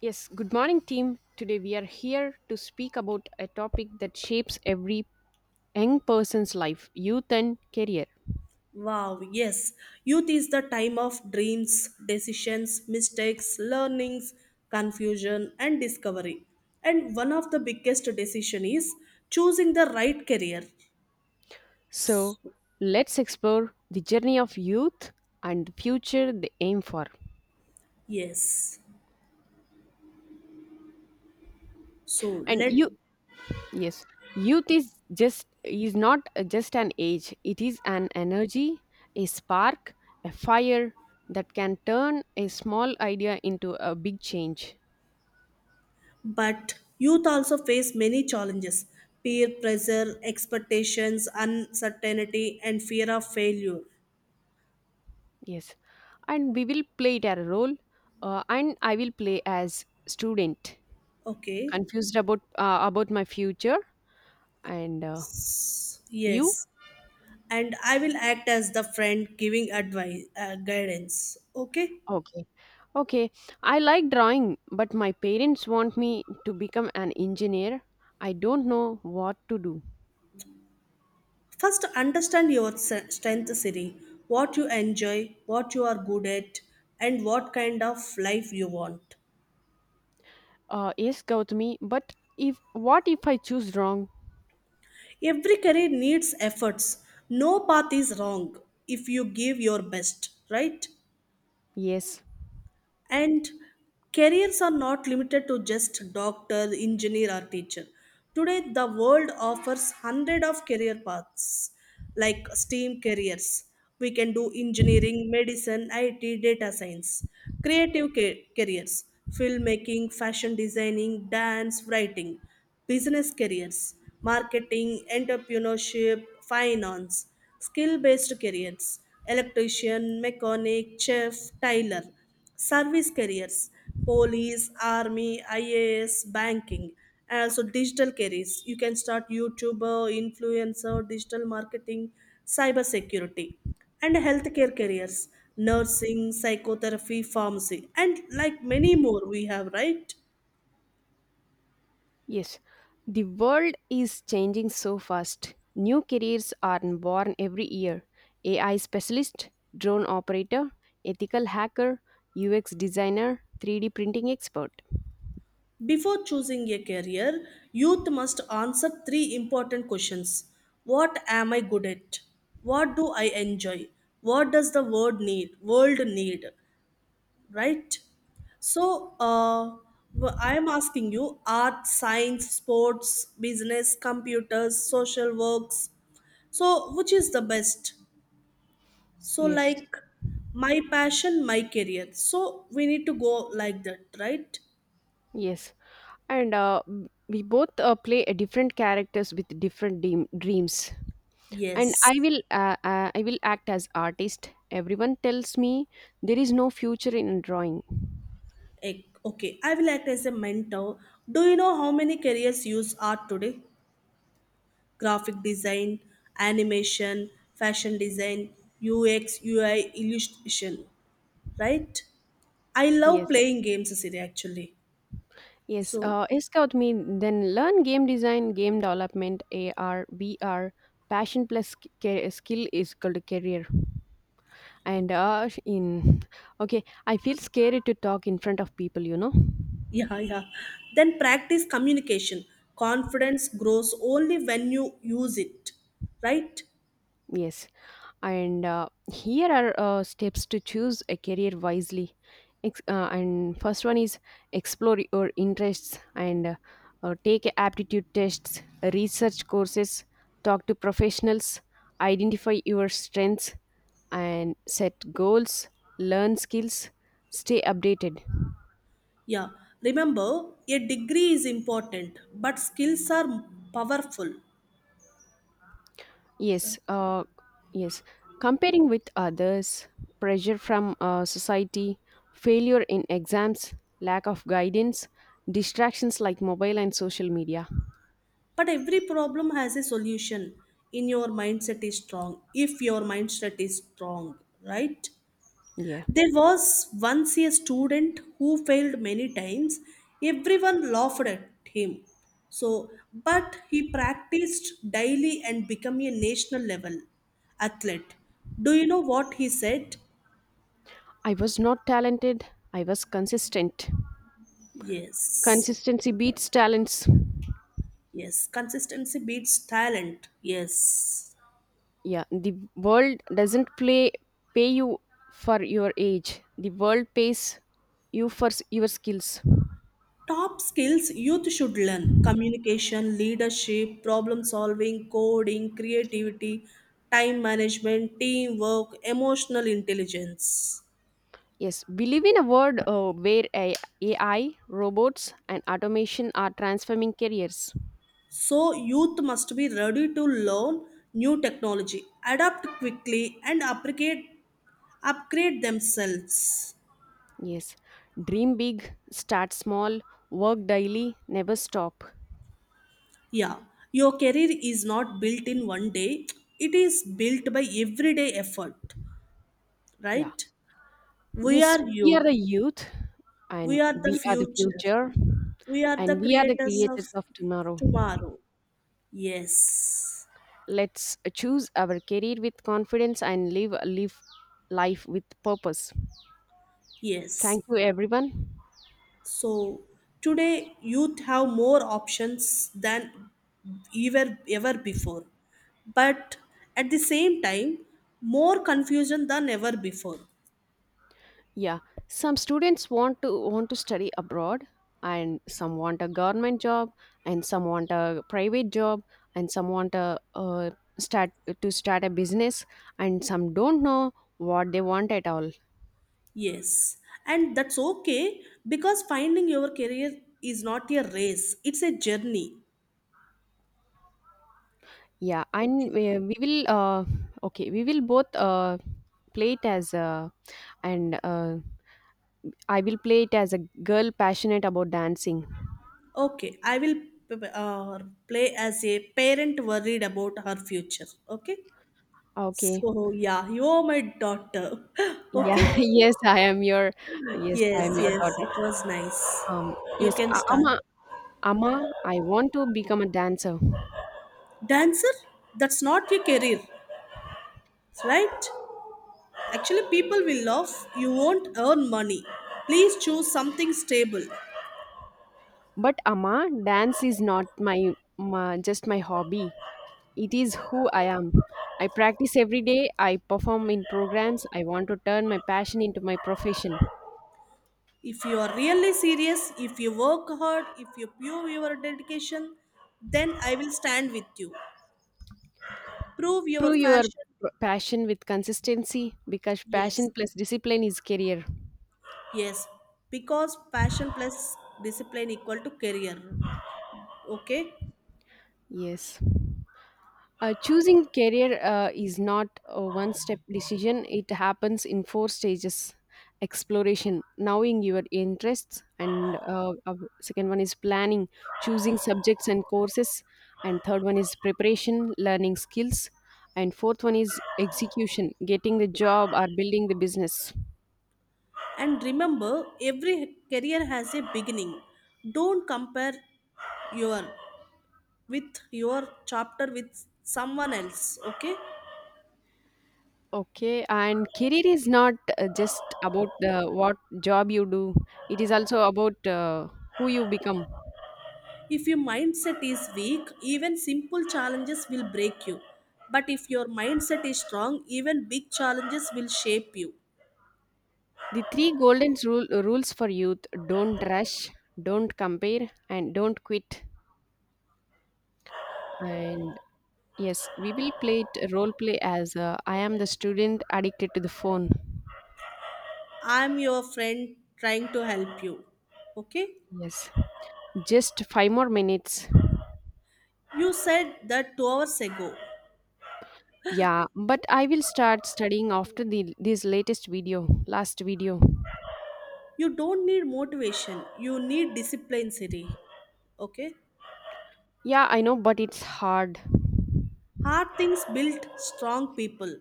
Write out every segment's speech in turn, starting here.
Yes, good morning, team. Today we are here to speak about a topic that shapes every young person's life, youth and career. Wow, yes. Youth is the time of dreams, decisions, mistakes, learnings, confusion, and discovery. And one of the biggest decision is choosing the right career. So, let's explore the journey of youth and the future they aim for. Yes. So And let you, yes, youth is just is not just an age, it is an energy, a spark, a fire that can turn a small idea into a big change. but youth also face many challenges. Peer pressure, expectations, uncertainty, and fear of failure. Yes, and we will play it as a role, and I will play as student, Okay. confused about my future. And S- you? Yes. and I will act as the friend giving advice, guidance. Okay? Okay, okay. I like drawing, but my parents want me to become an engineer. I don't know what to do. First, understand your strength, Siri. What you enjoy, what you are good at, and what kind of life you want. Yes, Gautami, but if what if I choose wrong? Every career needs efforts. No path is wrong if you give your best, right? Yes. And careers are not limited to just doctor, engineer, or teacher. Today, the world offers hundred of career paths like STEAM careers. We can do engineering, medicine, IT, data science, creative careers, filmmaking, fashion designing, dance, writing, business careers, marketing, entrepreneurship, finance, skill based careers, electrician, mechanic, chef, tailor, service careers, police, army, IAS, banking, and also digital careers. You can start youtuber, influencer, digital marketing, cyber security, and healthcare careers, nursing, psychotherapy, pharmacy, and like many more we have, right? Yes, the world is changing so fast. New careers are born every year. AI specialist, drone operator, ethical hacker, UX designer, 3D printing expert. Before choosing a career, youth must answer three important questions. What am I good at? What do I enjoy? What does the world need, right? So I am asking you art, science, sports, business, computers, social works. So which is the best? So Yes, like my passion, my career. So we need to go like that, right? yes. And we both play a different characters with different dreams. And Yes. I will act as artist. Everyone tells me there is no future in drawing. Okay, I will act as a mentor. Do you know how many careers use art today? Graphic design, animation, fashion design, UX, UI, illustration, right? I love Yes. playing games, Cecilia, actually. Yes, So, scout me. Then learn game design, game development, AR, VR, passion plus skill is called a career. And in okay, I feel scary to talk in front of people. You know. yeah, yeah. Then practice communication. Confidence grows only when you use it, right? Yes, and here are steps to choose a career wisely. And first one is explore your interests and take aptitude tests, research courses, talk to professionals, identify your strengths, and set goals, learn skills, stay updated. Yeah. Remember, a degree is important, but skills are powerful. Yes, yes. Comparing with others, pressure from society, failure in exams, lack of guidance, distractions like mobile and social media. But every problem has a solution. In your mindset is strong, if your mindset is strong, right? Yeah. There was once a student who failed many times. Everyone laughed at him. So, but he practiced daily and became a national level athlete. Do you know what he said? I was not talented, I was consistent. Yes. Consistency beats talents. Yes. Consistency beats talent. Yes. Yeah, the world doesn't play pay you for your age. The world pays you for your skills. Top skills youth should learn: communication, leadership, problem solving, coding, creativity, time management, teamwork, emotional intelligence. Yes, believe in a world where AI, robots, and automation are transforming careers. So, youth must be ready to learn new technology, adapt quickly, and upgrade themselves. Yes, dream big, start small, work daily, never stop. Yeah, your career is not built in one day, it is built by everyday effort, Yeah. right? We Yes, are we are the youth, youth, and we are the we are the future, future, we are the and we are the creators of creators of tomorrow. tomorrow. Yes, Let's choose our career with confidence and live life with purpose. yes. Thank you, everyone. So today, youth have more options than ever before, but at the same time, more confusion than ever before. Yeah, some students want to study abroad, and some want a government job, and some want a private job, and some want a start start a business, and some don't know what they want at all. Yes, and that's okay because finding your career is not a race; it's a journey. Yeah, and Okay. We will okay, we will both play it as a and I will play it as a girl passionate about dancing. Okay, I will uh, play as a parent worried about her future. Okay. Okay. So yeah, you are my daughter. Yeah, Okay. yes, I am your yes, I Yes, am your yes, daughter. it was nice. Um You yes, can start. Ama. Amma, I want to become a dancer. Dancer, that's not your career, right? Actually, people will laugh. You won't earn money. Please choose something stable. But Amma, dance is not my, my just my hobby. It is who I am. I practice every day. I perform in programs. I want to turn my passion into my profession. If you are really serious, if you work hard, if you prove your dedication, then I will stand with you. Prove your Prove your fashion. Passion with consistency because Yes, passion plus discipline is career. yes, because passion plus discipline equal to career. Okay. Yes. Choosing career is not a one step decision, it happens in four stages. Exploration, knowing your interests, and second one is planning, choosing subjects and courses, and third one is preparation, learning skills, and fourth one is execution, getting the job or building the business. And remember, every career has a beginning. Don't compare your with your chapter with someone else, okay? Okay, and career is not just about the what job you do, it is also about who you become. If your mindset is weak, even simple challenges will break you. But if your mindset is strong, even big challenges will shape you. The three rules for youth. Don't rush, don't compare, and don't quit. And yes, we will play it role play as I am the student addicted to the phone. I'm your friend trying to help you. Okay? Yes, just five more minutes. You said that 2 hours ago. Yeah, but I will start studying after the this latest video, last video. You don't need motivation, you need discipline, Siri. Okay? Yeah, I know, but it's hard. Hard things build strong people.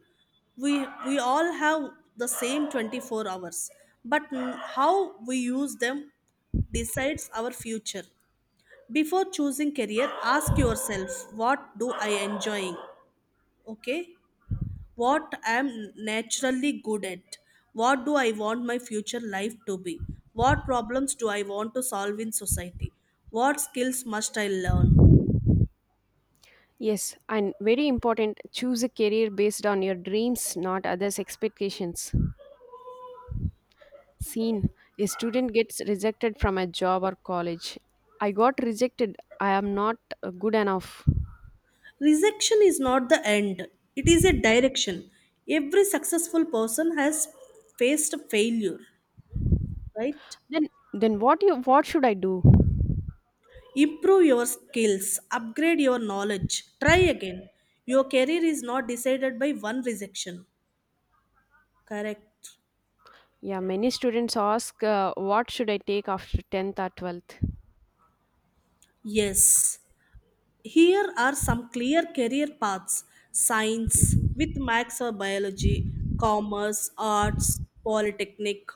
We all have the same 24 hours, but how we use them decides our future. Before choosing career, ask yourself what do I enjoying? Okay? What I am naturally good at? What do I want my future life to be? What problems do I want to solve in society? What skills must I learn? Yes, and very important, choose a career based on your dreams, not others' expectations. Scene: a student gets rejected from a job or college. I got rejected. I am not good enough. Rejection is not the end, it is a direction. Every successful person has faced failure, right? Then, then what should I do? Improve your skills, upgrade your knowledge, try again. Your career is not decided by one rejection, correct? Yeah, many students ask, what should I take after tenth or twelfth? Yes. Here are some clear career paths: science with max or biology, commerce, arts, polytechnic,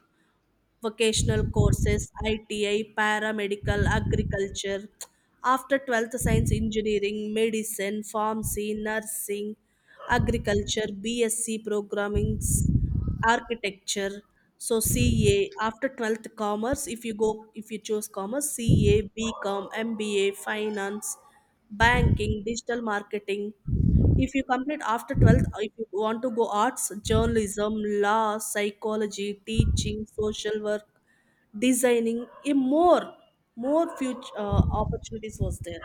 vocational courses, ITI, paramedical, agriculture. After 12th, science, engineering, medicine, pharmacy, nursing, agriculture, BSc programming, architecture. So ca after 12th commerce, if you choose commerce, CA, BCom, MBA, finance, banking, digital marketing. If you complete after 12th, if you want to go arts, journalism, law, psychology, teaching, social work, designing, a more future, opportunities was there.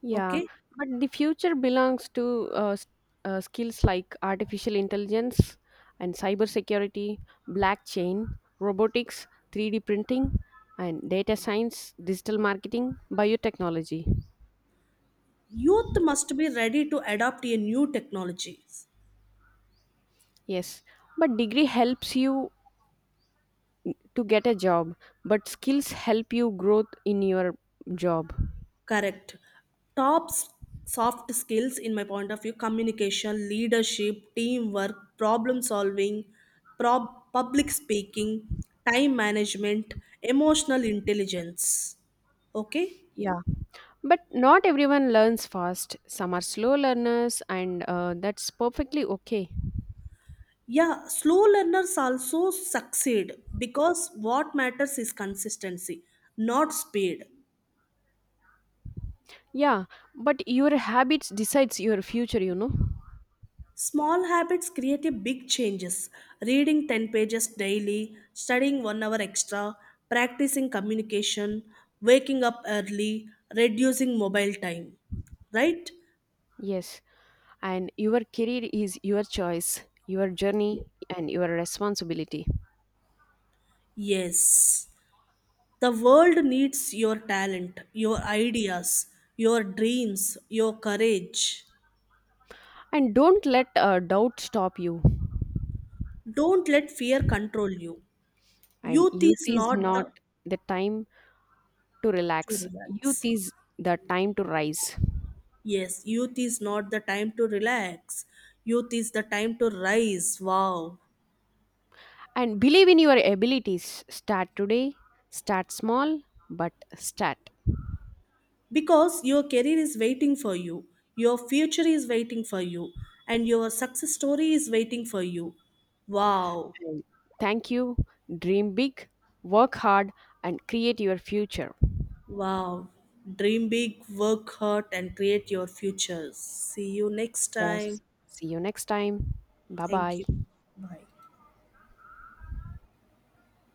Yeah, Okay. but the future belongs to uh, s- skills like artificial intelligence and cybersecurity, blockchain, robotics, 3D printing, and data science, digital marketing, biotechnology. Youth must be ready to adopt a new technology. Yes, but degree helps you to get a job, but skills help you growth in your job. Correct. Top soft skills, in my point of view, communication, leadership, teamwork, problem solving, public speaking, time management, emotional intelligence. Okay? Yeah. But not everyone learns fast. Some are slow learners, and that's perfectly okay. Yeah, slow learners also succeed because what matters is consistency, not speed. Yeah, but your habits decides your future. You know. Small habits create a big changes. Reading 10 pages daily, studying 1 hour extra, practicing communication, waking up early, reducing mobile time. Right? Yes, and your career is your choice, your journey, Ye- and your responsibility. Yes. The world needs your talent, your ideas, your dreams, your courage. And don't let doubt stop you. Don't let fear control you. And Youth youth is is not not the the time to to relax. Youth relax. is the time to rise. Yes, youth is not the time to relax. Youth is the time to rise. Wow. And believe in your abilities. Start today, start small, but start. Because your career is waiting for you, your future is waiting for you, and your success story is waiting for you. Wow. And thank you. Dream big, work hard, and create your future. Wow. Dream big, work hard, and create your futures. See you next Yes. time. See you next time. Bye Thank bye. you. Bye.